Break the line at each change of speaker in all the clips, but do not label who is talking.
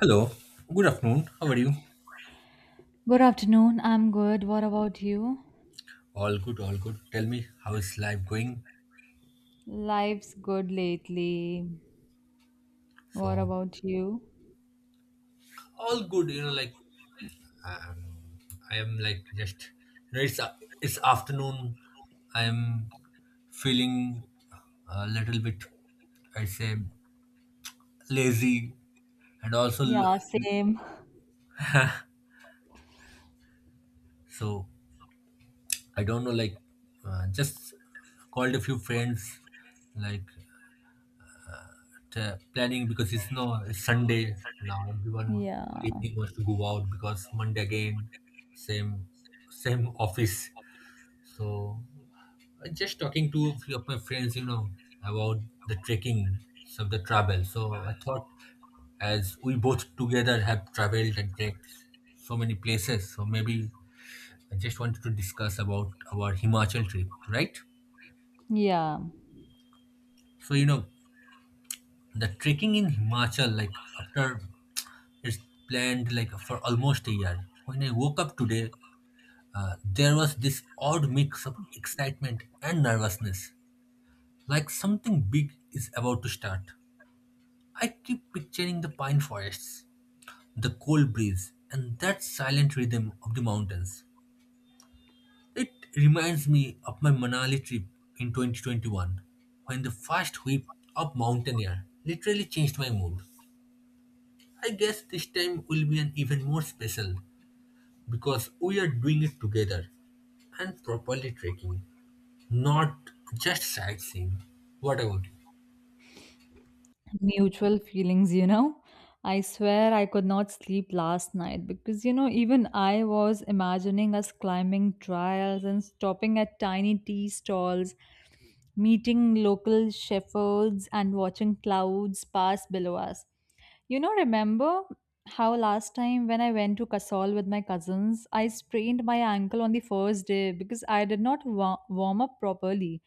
Hello, good afternoon. How are you?
Good afternoon. I'm good. What about you?
All good. Tell me, how is life going?
Life's good lately. What
So,
about you?
all good. You know, I am just it's afternoon. I am feeling a little bit, I say, lazy, and also
Yeah, same.
so I don't know. Like, just called a few friends, like planning because it's no Sunday now. Everyone in the
Yeah.
evening wants to go out because Monday again, same same office. So I just talking to a few of my friends, you know, about the trekking, some of the travel. So I thought, as we both together have traveled and trekked so many places, so maybe I just wanted to discuss about our Himachal trip, right?
Yeah.
So you know, the trekking in Himachal, like after It's planned like for almost a year. When I woke up today, there was this odd mix of excitement and nervousness, like something big is about to start. I keep picturing the pine forests, the cold breeze, and that silent rhythm of the mountains. It reminds me of my Manali trip in 2021, when the first whip of mountain air literally changed my mood. I guess this time will be an even more special because we are doing it together, and properly trekking, not just sightseeing. What about you?
Mutual feelings, you know. I swear I could not sleep last night because, you know, even I was imagining us climbing trials and stopping at tiny tea stalls, meeting local shepherds, and watching clouds pass below us. You know, remember how last time when I went to Kasol with my cousins, I sprained my ankle on the first day because I did not warm up properly.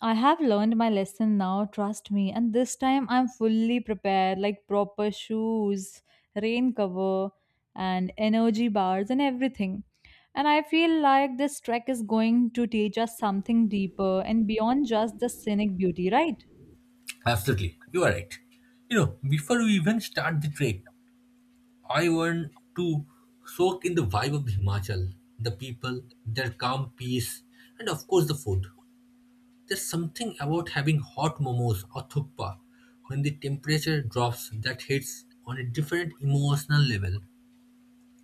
I have learned my lesson now, trust me, and this time I'm fully prepared like proper shoes, rain cover, and energy bars and everything. And I feel like this trek is going to teach us something deeper and beyond just the scenic beauty, right?
Absolutely, you are right. You know, before we even start the trek, I want to soak in the vibe of the Himachal, the people, their calm peace, and of course the food. There's something about having hot momos or thukpa when the temperature drops that hits on a different emotional level.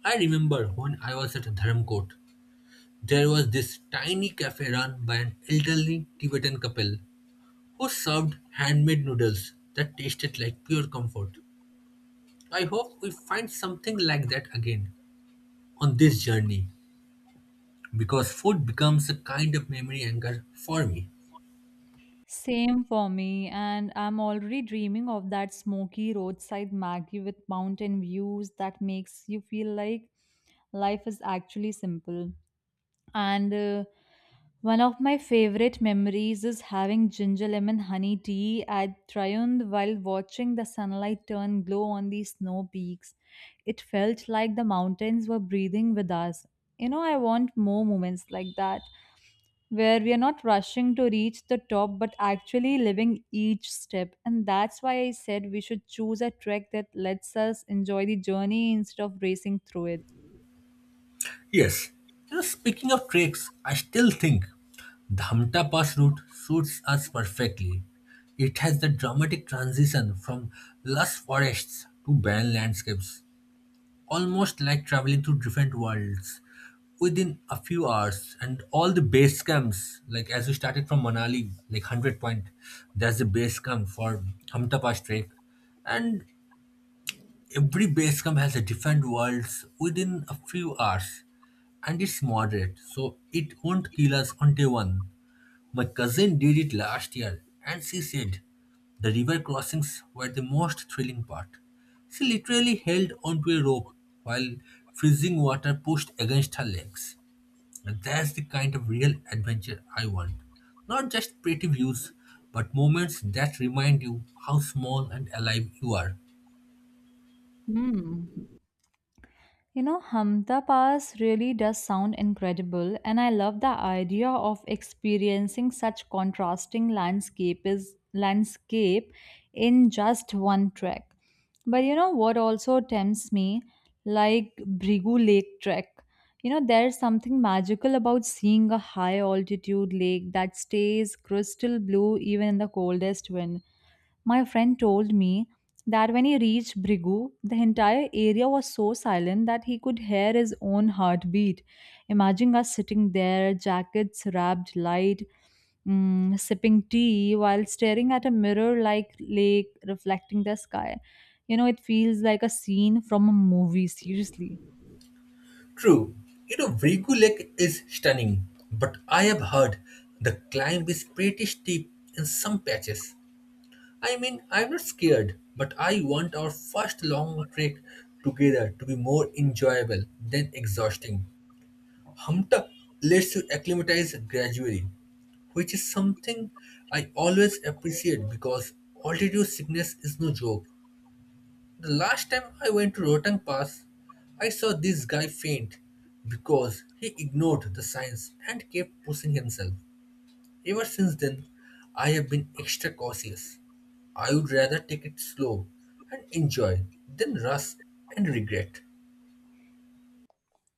I remember when I was at Dharamkot, there was this tiny cafe run by an elderly Tibetan couple who served handmade noodles that tasted like pure comfort. I hope we find something like that again on this journey because food becomes a kind of memory anchor for me.
Same for me, and I'm already dreaming of that smoky roadside Maggie with mountain views that makes you feel like life is actually simple. And One of my favorite memories is having ginger lemon honey tea at Triund while watching the sunlight turn glow on the snow peaks. It felt like the mountains were breathing with us. You know, I want more moments like that where we are not rushing to reach the top but actually living each step. And that's why I said we should choose a trek that lets us enjoy the journey instead of racing through it.
Yes, you know, speaking of treks, I still think the Dhamta Pass route suits us perfectly. It has the dramatic transition from lush forests to barren landscapes, almost like traveling to different worlds within a few hours. And all the base camps, like as we started from Manali, like 100 point, there's a base camp for hamtapas trek, and every base camp has a different worlds within a few hours, and it's moderate so it won't kill us on day 1. My cousin did it last year, and she said the river crossings were the most thrilling part. She literally held onto a rope while freezing water pushed against her legs. And that's the kind of real adventure I want. Not just pretty views, but moments that remind you how small and alive you are.
Hmm. You know, Hamta Pass really does sound incredible, and I love the idea of experiencing such contrasting landscape in just one trek. But you know what also tempts me, like Brigu Lake trek. You know, there's something magical about seeing a high altitude lake that stays crystal blue even in the coldest wind. My friend told me that when he reached Brigu, the entire area was so silent that he could hear his own heartbeat. Imagine us sitting there, jackets wrapped light, sipping tea while staring at a mirror like lake reflecting the sky. You know, it feels like a scene from a movie, seriously.
True, you know, Vrigu Lake is stunning, but I have heard the climb is pretty steep in some patches. I mean, I'm not scared, but I want our first long trek together to be more enjoyable than exhausting. Humta lets you acclimatize gradually, which is something I always appreciate because altitude sickness is no joke. The last time I went to Rotang Pass, I saw this guy faint because he ignored the signs and kept pushing himself. Ever since then, I have been extra cautious. I would rather take it slow and enjoy than rush and regret.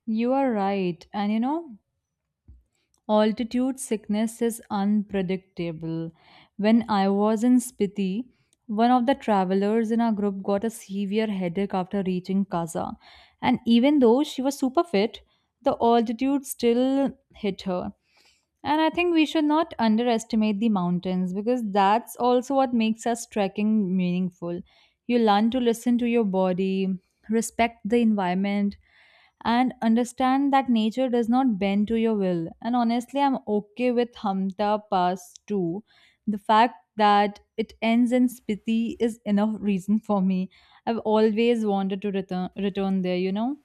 You are right. And you know, altitude sickness is unpredictable. When I was in Spiti, one of the travelers in our group got a severe headache after reaching Kaza. And even though she was super fit, the altitude still hit her. And I think we should not underestimate the mountains because that's also what makes us trekking meaningful. You learn to listen to your body, respect the environment, and understand that nature does not bend to your will. And honestly, I'm okay with Hamta Pass too. The fact that it ends in Spiti is enough reason for me. I've always wanted to return there, you know?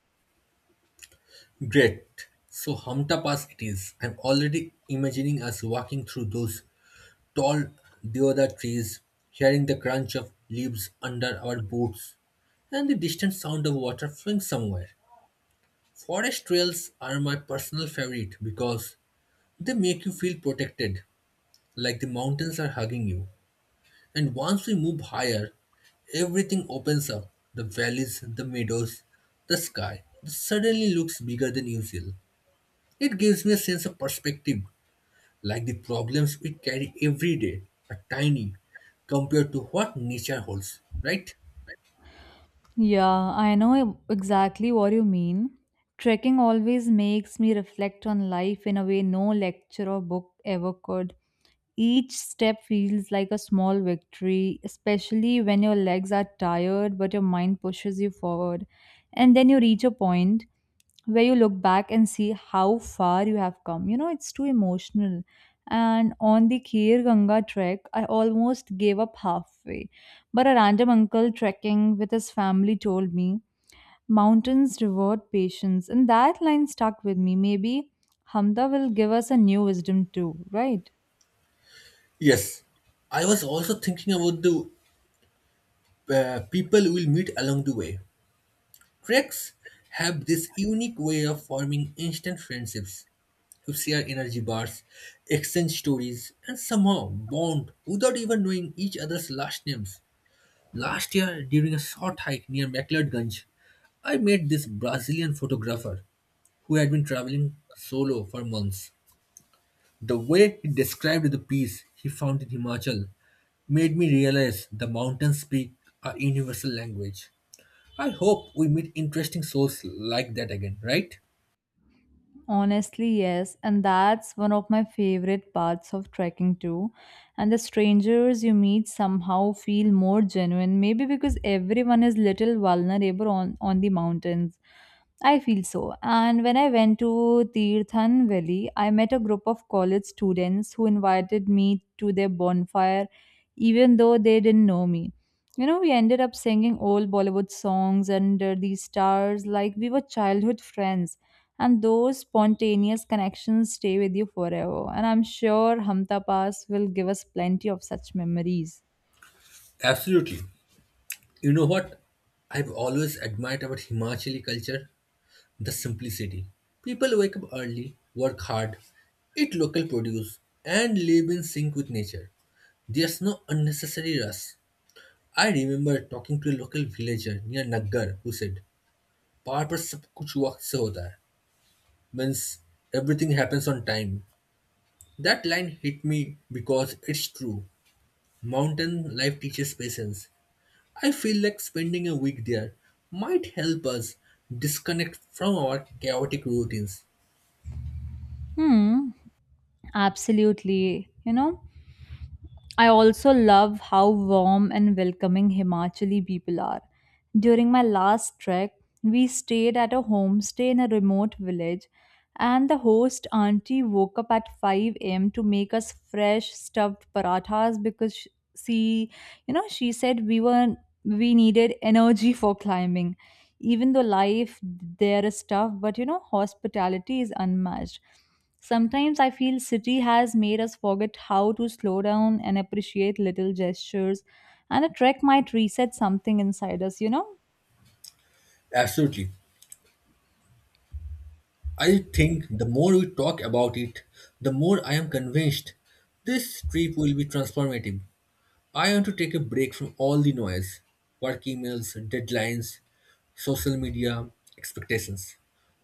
Great. So Hamta Pass it is. I'm already imagining us walking through those tall deodar trees, hearing the crunch of leaves under our boots, and the distant sound of water flowing somewhere. Forest trails are my personal favorite because they make you feel protected, like the mountains are hugging you. And once we move higher, everything opens up, the valleys, the meadows, the sky suddenly looks bigger than usual. It gives me a sense of perspective, like the problems we carry every day are tiny compared to what nature holds, right?
Yeah, I know exactly what you mean. Trekking always makes me reflect on life in a way no lecture or book ever could. Each step feels like a small victory, especially when your legs are tired but your mind pushes you forward. And then you reach a point where you look back and see how far you have come. You know, it's too emotional. And on the Kheer Ganga trek, I almost gave up halfway. But a random uncle trekking with his family told me, mountains reward patience. And that line stuck with me. Maybe Hamda will give us a new wisdom too, right?
Yes, I was also thinking about the people we'll meet along the way. Treks have this unique way of forming instant friendships. You share energy bars, exchange stories, and somehow bond without even knowing each other's last names. Last year, during a short hike near McLeodganj, I met this Brazilian photographer who had been traveling solo for months. The way he described the peace he found in Himachal made me realize the mountains speak a universal language. I hope we meet interesting souls like that again, right?
Honestly, yes, and that's one of my favorite parts of trekking too. And the strangers you meet somehow feel more genuine, maybe because everyone is little vulnerable on the mountains. I feel so. And when I went to Tirthan Valley, I met a group of college students who invited me to their bonfire, even though they didn't know me. You know, we ended up singing old Bollywood songs under these stars like we were childhood friends. And those spontaneous connections stay with you forever. And I'm sure Hamta Pass will give us plenty of such memories.
Absolutely. You know what I've always admired about Himachali culture? The simplicity. People wake up early, work hard, eat local produce, and live in sync with nature. There's no unnecessary rush. I remember talking to a local villager near Naggar who said, "Power पर सब कुछ वक्त से होता है." Means everything happens on time. That line hit me because it's true. Mountain life teaches patience, I feel like spending a week there might help us disconnect from our chaotic routines.
Hmm, absolutely. You know, I also love how warm and welcoming Himachali people are. During my last trek, we stayed at a homestay in a remote village, and the host auntie woke up at 5 a.m. to make us fresh stuffed parathas because she, you know, she said we needed energy for climbing. Even though life there is tough, but you know, hospitality is unmatched. Sometimes I feel city has made us forget how to slow down and appreciate little gestures and a trek might reset something inside us, you know?
Absolutely. I think the more we talk about it, the more I am convinced this trip will be transformative. I want to take a break from all the noise, work emails, deadlines, social media, expectations.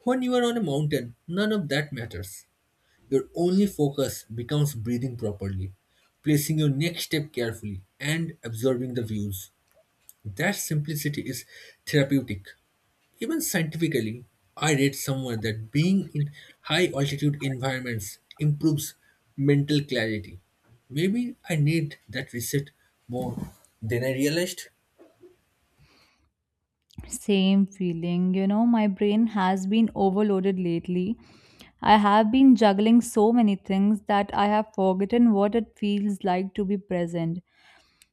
When you are on a mountain, none of that matters. Your only focus becomes breathing properly, placing your next step carefully, and observing the views. That simplicity is therapeutic. Even scientifically, I read somewhere that being in high altitude environments improves mental clarity. Maybe I need that reset more than I realized.
Same feeling, you know, my brain has been overloaded lately. I have been juggling so many things that I have forgotten what it feels like to be present.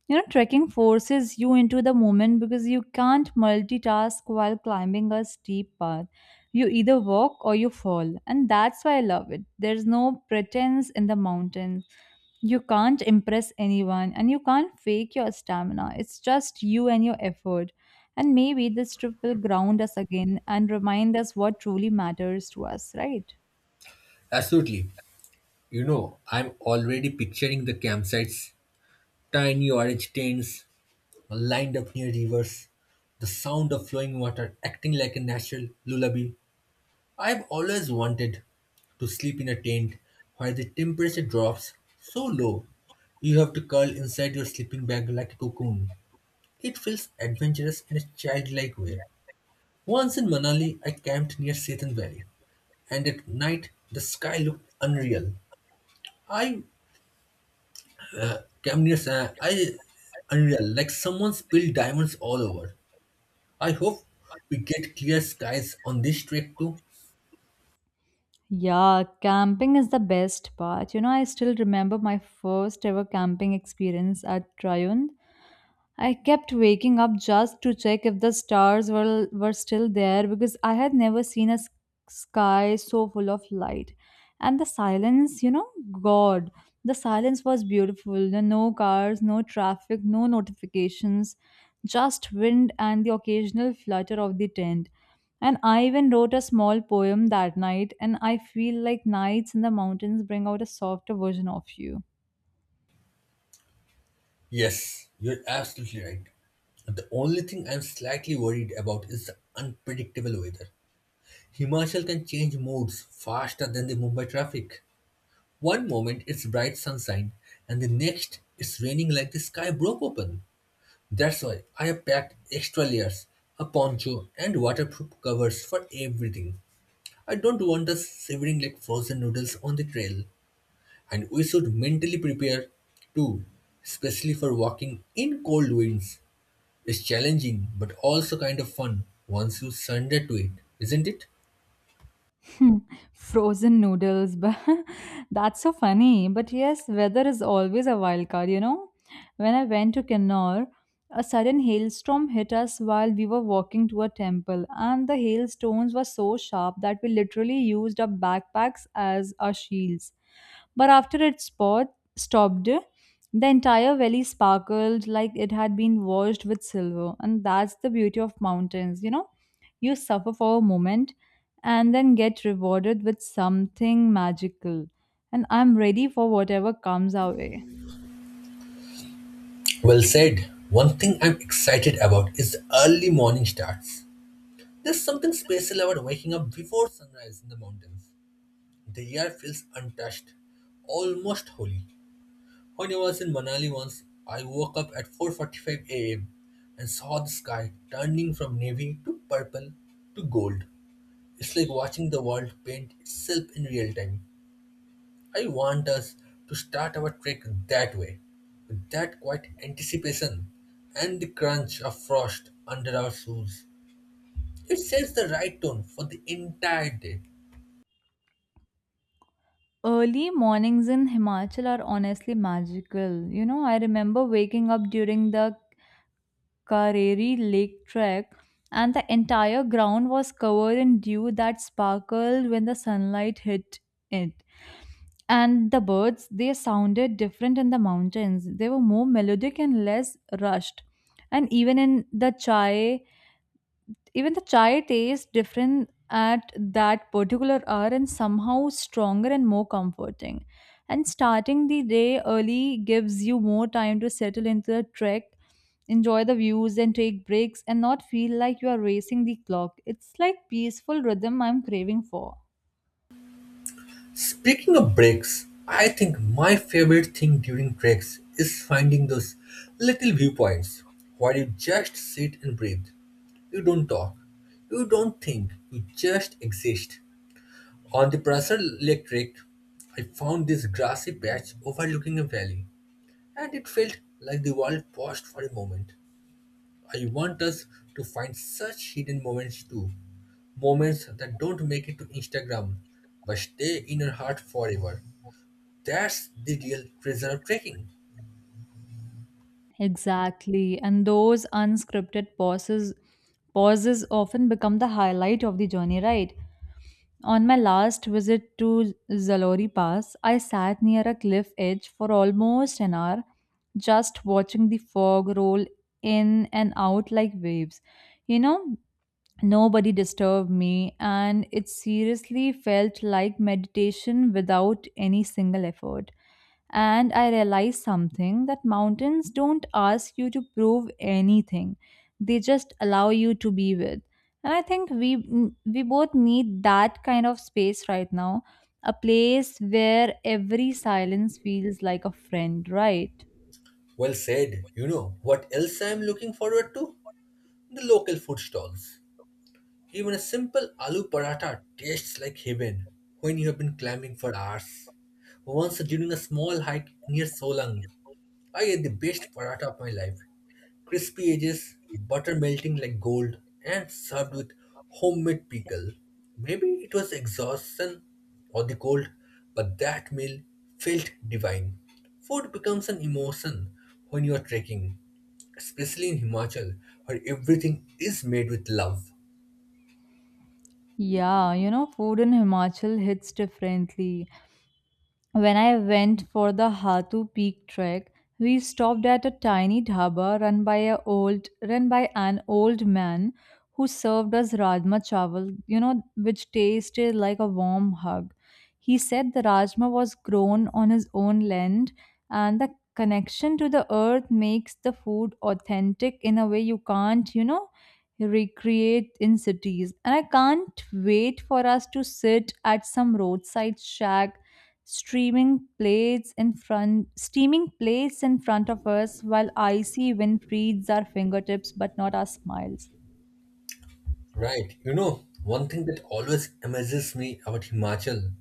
You know, trekking forces you into the moment because you can't multitask while climbing a steep path. You either walk or you fall, and that's why I love it. There's no pretense in the mountains. You can't impress anyone and you can't fake your stamina. It's just you and your effort. And maybe this trip will ground us again and remind us what truly matters to us, right?
Absolutely. You know, I'm already picturing the campsites, tiny orange tents lined up near rivers, the sound of flowing water acting like a natural lullaby. I have always wanted to sleep in a tent where the temperature drops so low you have to curl inside your sleeping bag like a cocoon. It feels adventurous in a childlike way. Once in Manali, I camped near Setan Valley, and at night the sky looked unreal. I camped near sa- I Unreal, like someone spilled diamonds all over. I hope we get clear skies on this trek too.
Yeah, camping is the best part. You know, I still remember my first ever camping experience at Tryon. I kept waking up just to check if were still there because I had never seen a sky so full of light. And the silence, you know, God, the silence was beautiful. There were no cars, no traffic, no notifications, just wind and the occasional flutter of the tent. And I even wrote a small poem that night, and I feel like nights in the mountains bring out a softer version of you.
Yes, you're absolutely right. The only thing I'm slightly worried about is the unpredictable weather. Himachal can change moods faster than the Mumbai traffic. One moment it's bright sunshine, and the next it's raining like the sky broke open. That's why I have packed extra layers, a poncho, and waterproof covers for everything. I don't want us shivering like frozen noodles on the trail. And we should mentally prepare too, especially for walking in cold winds. It's challenging but also kind of fun once you surrender to it, isn't it?
Hmm, frozen noodles, but that's so funny. But yes, weather is always a wild card, you know. When I went to Kinnaur, a sudden hailstorm hit us while we were walking to a temple, and the hailstones were so sharp that we literally used our backpacks as our shields. But after it stopped, the entire valley sparkled like it had been washed with silver, and that's the beauty of mountains, you know you suffer for a moment and then get rewarded with something magical. And I'm ready for whatever comes our way.
Well said. One thing I'm excited about is the early morning starts. There's something special about waking up before sunrise in the mountains. The air feels untouched, almost holy. When I was in Manali once, I woke up at 4:45 a.m. and saw the sky turning from navy to purple to gold. It's like watching the world paint itself in real time. I want us to start our trek that way, with that quiet anticipation and the crunch of frost under our shoes. It sets the right tone for the entire day.
Early mornings in Himachal are honestly magical. You know, I remember waking up during the Kareri Lake trek, and the entire ground was covered in dew that sparkled when the sunlight hit it. And the birds, they sounded different in the mountains. They were more melodic and less rushed. And even the chai tastes different at that particular hour and somehow stronger and more comforting. And starting the day early gives you more time to settle into the trek, enjoy the views, and take breaks, and not feel like you are racing the clock. It's like peaceful rhythm I'm craving for.
Speaking of breaks, I think my favorite thing during treks is finding those little viewpoints where you just sit and breathe. You don't talk, you don't think, you just exist. On the Prasad Electric, I found this grassy patch overlooking a valley, and it felt like the world paused for a moment. I want us to find such hidden moments too, moments that don't make it to Instagram but stay in your heart forever. That's the real treasure of trekking.
Exactly, and those unscripted pauses often become the highlight of the journey, right? On my last visit to Zalori Pass, I sat near a cliff edge for almost an hour, just watching the fog roll in and out like waves. You know, nobody disturbed me, and it seriously felt like meditation without any single effort. And I realized something that mountains don't ask you to prove anything, they just allow you to be with. And I think we both need that kind of space right now, a place where every silence feels like a friend, right?
Well said, you know what else I am looking forward to? The local food stalls. Even a simple aloo paratha tastes like heaven when you have been climbing for hours. Once during a small hike near Solang, I ate the best paratha of my life. Crispy edges, butter melting like gold, and served with homemade pickle. Maybe it was exhaustion or the cold, but that meal felt divine. Food becomes an emotion when you are trekking, especially in Himachal, where everything is made with love.
Yeah, you know, food in Himachal hits differently. When I went for the Hatu Peak trek, we stopped at a tiny dhaba run by an old man who served us rajma chawal, you know, which tasted like a warm hug. He said the rajma was grown on his own land and the connection to the earth makes the food authentic in a way you can't, you know, recreate in cities. And I can't wait for us to sit at some roadside shack, streaming plates in front, steaming plates in front of us, while icy wind frees our fingertips but not our smiles.
Right. You know, one thing that always amazes me about Himachal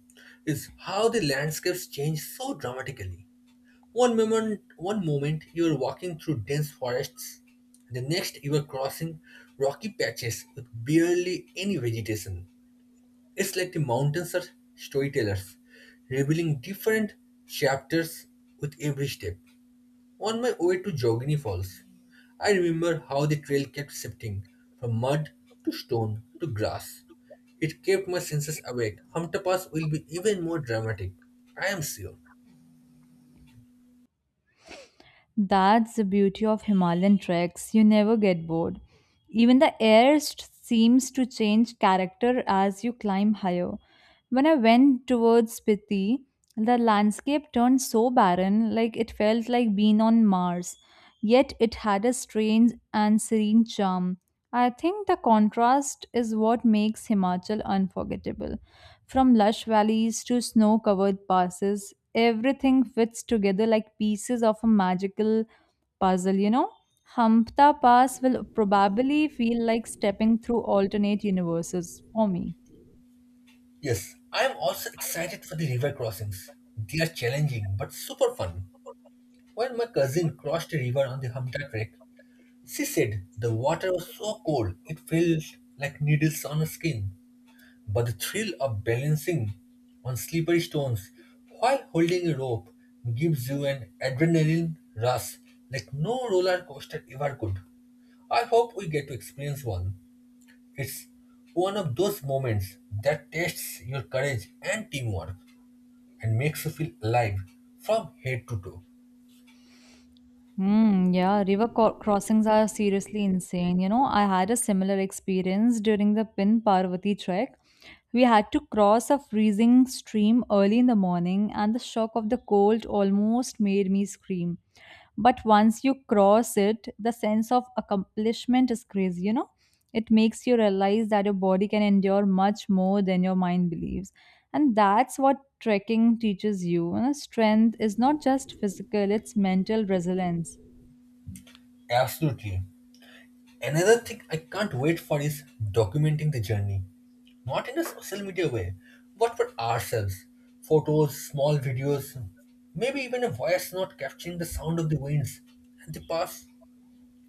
is how the landscapes change so dramatically. One moment you are walking through dense forests, the next you are crossing rocky patches with barely any vegetation. It's like the mountains are storytellers, revealing different chapters with every step. On my way to Jogini Falls, I remember how the trail kept shifting from mud to stone to grass. It kept my senses awake. Humta Pass will be even more dramatic, I am sure.
That's the beauty of Himalayan treks. You never get bored. Even the seems to change character as you climb higher. When I went towards Spiti, the landscape turned so barren, like it felt like being on Mars. Yet it had a strange and serene charm. I think the contrast is what makes Himachal unforgettable. From lush valleys to snow covered passes, everything fits together like pieces of a magical puzzle, you know? Hampta Pass will probably feel like stepping through alternate universes for me.
Yes, I am also excited for the river crossings. They are challenging but super fun. When my cousin crossed a river on the Humta trek, she said the water was so cold it felt like needles on her skin. But the thrill of balancing on slippery stones while holding a rope gives you an adrenaline rush like no roller coaster ever could. I hope we get to experience one. It's one of those moments that tests your courage and teamwork and makes you feel alive from head to toe.
Mm, yeah, crossings are seriously insane. You know, I had a similar experience during the Pin Parvati trek. We had to cross a freezing stream early in the morning, and the shock of the cold almost made me scream. But once you cross it, the sense of accomplishment is crazy, you know? It makes you realize that your body can endure much more than your mind believes. And that's what trekking teaches you. Strength is not just physical, it's mental resilience.
Absolutely. Another thing I can't wait for is documenting the journey. Not in a social media way, but for ourselves. Photos, small videos, maybe even a voice note capturing the sound of the winds and the path.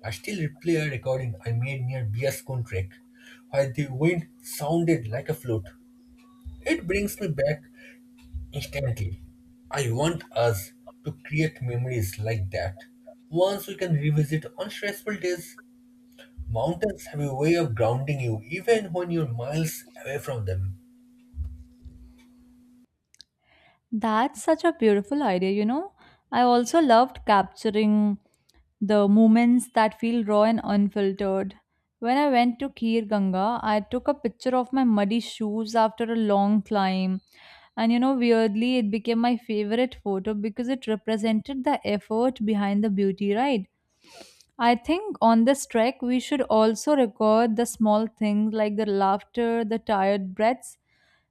I still replay a recording I made near BS Kun Trek, where the wind sounded like a flute. It brings me back instantly. I want us to create memories like that. Once we can revisit on stressful days, mountains have a way of grounding you, even when you're miles away from them.
That's such a beautiful idea. I also loved capturing the moments that feel raw and unfiltered. When I went to Kir Ganga, I took a picture of my muddy shoes after a long climb. Weirdly, it became my favorite photo because it represented the effort behind the beauty, right? I think on this trek, we should also record the small things like the laughter, the tired breaths,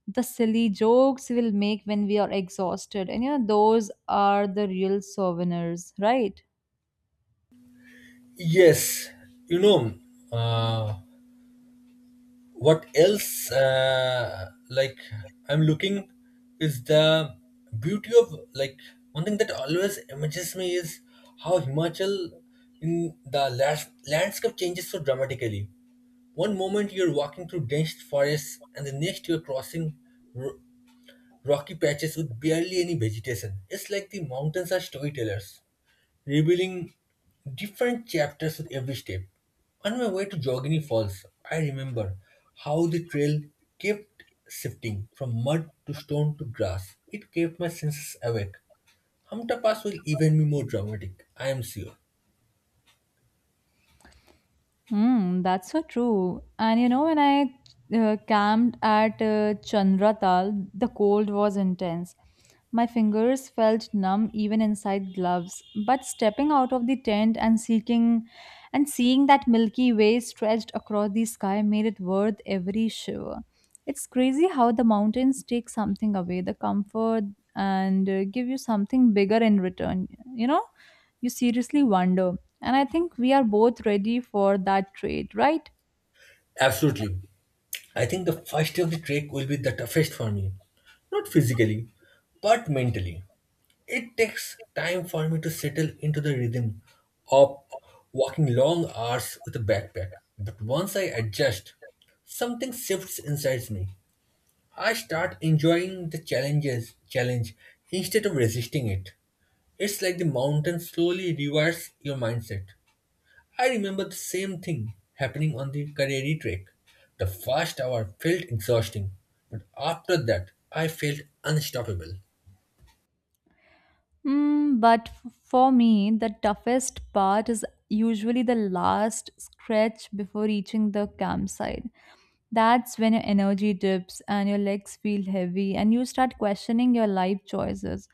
the silly jokes we'll make when we are exhausted and you know those are the real souvenirs, right?
Yes, you know, uh, what else, like, I'm looking is the beauty of, like, one thing that always amazes me is how Himachal landscape changes so dramatically. One moment you're walking through dense forests, and the next you're crossing r- rocky patches with barely any vegetation. It's like the mountains are storytellers, revealing different chapters with every step. On my way to Jogini Falls, I remember how the trail kept shifting from mud to stone to grass. It kept my senses awake. Hamta Pass will even be more dramatic, I am sure.
Mm, that's so true. And when I camped at Chandratal, the cold was intense. My fingers felt numb even inside gloves. But stepping out of the tent and seeking and seeing that Milky Way stretched across the sky made it worth every shiver. It's crazy how the mountains take something away, the comfort, and give you something bigger in return. You know, you seriously wonder. And I think we are both ready for that trade, right?
Absolutely. I think the first day of the trek will be the toughest for me. Not physically, but mentally. It takes time for me to settle into the rhythm of walking long hours with a backpack. But once I adjust, something shifts inside me. I start enjoying the challenge instead of resisting it. It's like the mountain slowly rewires your mindset. I remember the same thing happening on the Kareri trek. The first hour felt exhausting, but after that, I felt unstoppable.
Mm, but for me, the toughest part is usually the last stretch before reaching the campsite. That's when your energy dips and your legs feel heavy and you start questioning your life choices.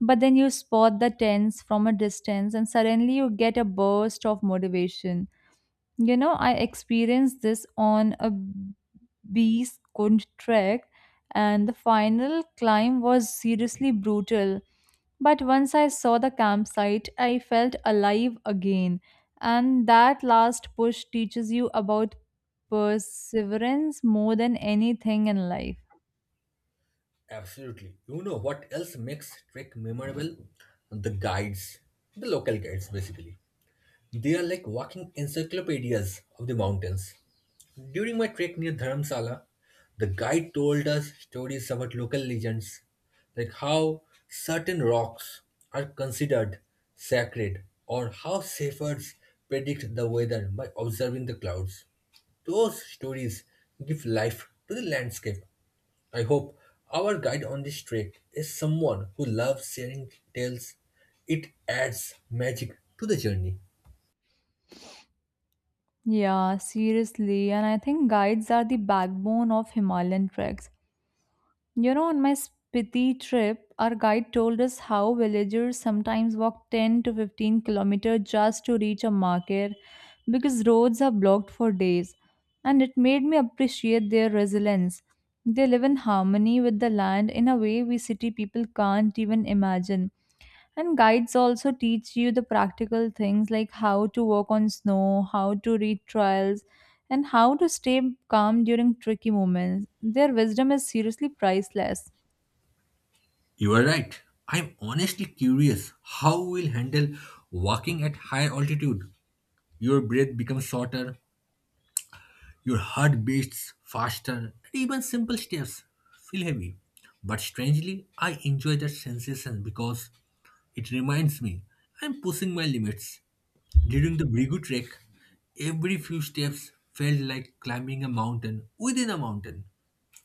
But then you spot the tents from a distance and suddenly you get a burst of motivation. I experienced this on a Beeskunt trek, and the final climb was seriously brutal. But once I saw the campsite, I felt alive again. And that last push teaches you about perseverance more than anything in life.
Absolutely. You know what else makes trek memorable? The guides, the local guides basically. They are like walking encyclopedias of the mountains. During my trek near Dharamsala, the guide told us stories about local legends, like how certain rocks are considered sacred or how shepherds predict the weather by observing the clouds. Those stories give life to the landscape. I hope our guide on this trek is someone who loves sharing tales. It adds magic to the journey.
Yeah, seriously. And I think guides are the backbone of Himalayan treks. On my Spiti trip, our guide told us how villagers sometimes walk 10 to 15 kilometers just to reach a market because roads are blocked for days. And it made me appreciate their resilience. They live in harmony with the land in a way we city people can't even imagine. And guides also teach you the practical things like how to work on snow, how to read trials, and how to stay calm during tricky moments. Their wisdom is seriously priceless.
You are right. I'm honestly curious how we'll handle walking at higher altitude. Your breath becomes shorter, your heart beats faster, and even simple steps feel heavy. But strangely, I enjoy that sensation because it reminds me I'm pushing my limits during the Brigu trek, every few steps felt like climbing a mountain within a mountain.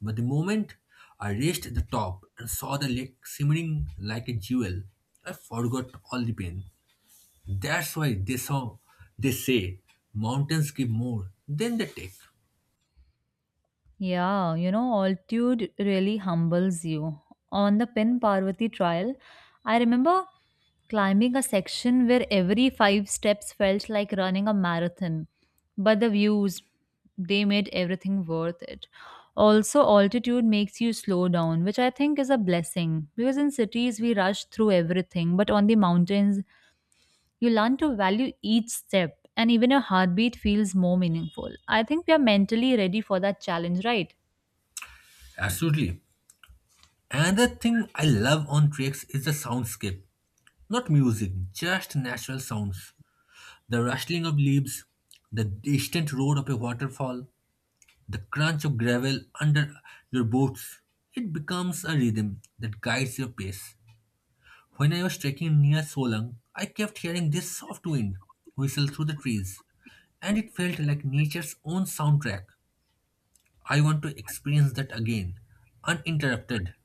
But the moment I reached the top and saw the lake shimmering like a jewel, I forgot all the pain. That's why they say mountains give more than they take.
Yeah, altitude really humbles you. On the Pin Parvati trial, I remember climbing a section where every five steps felt like running a marathon. But the views, they made everything worth it. Also, altitude makes you slow down, which I think is a blessing because in cities we rush through everything, but on the mountains you learn to value each step and even your heartbeat feels more meaningful. I think we are mentally ready for that challenge, right?
Absolutely. Another thing I love on treks is the soundscape. Not music, just natural sounds. The rustling of leaves, the distant roar of a waterfall, the crunch of gravel under your boots. It becomes a rhythm that guides your pace. When I was trekking near Solang, I kept hearing this soft wind whistle through the trees, and it felt like nature's own soundtrack. I want to experience that again, uninterrupted.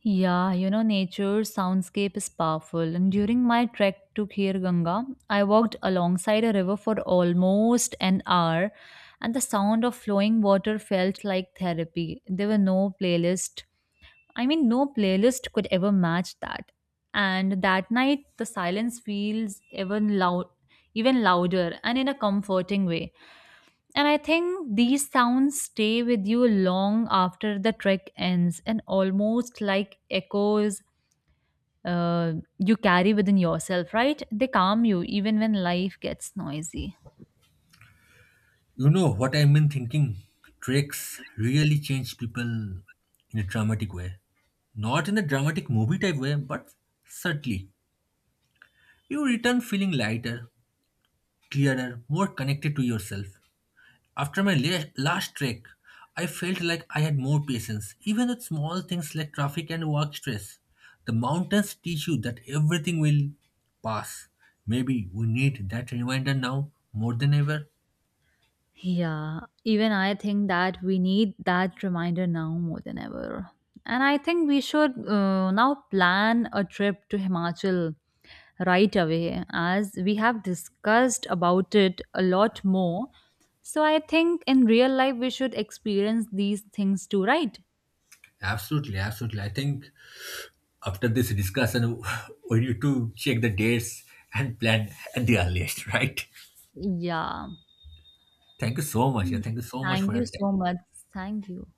Yeah, nature soundscape is powerful. And during my trek to Khir Ganga, I walked alongside a river for almost an hour, and the sound of flowing water felt like therapy. There were no playlist. I mean, no playlist could ever match that. And that night, the silence feels even louder, and in a comforting way. And I think these sounds stay with you long after the trek ends and almost like echoes you carry within yourself, right? They calm you even when life gets noisy.
You know what I mean thinking? Treks really change people in a dramatic way. Not in a dramatic movie type way, but subtly. You return feeling lighter, clearer, more connected to yourself. After my last trek, I felt like I had more patience, even with small things like traffic and work stress. The mountains teach you that everything will pass. Maybe we need that reminder now more than ever.
Yeah, even I think that we need that reminder now more than ever. And I think we should now plan a trip to Himachal right away as we have discussed about it a lot more. So I think in real life we should experience these things too, right?
Absolutely, absolutely. I think after this discussion, we need to check the dates and plan at the earliest, right?
Yeah.
Thank you so much. Yeah, thank you so much for
Thank
your
you
time.
so much. Thank you.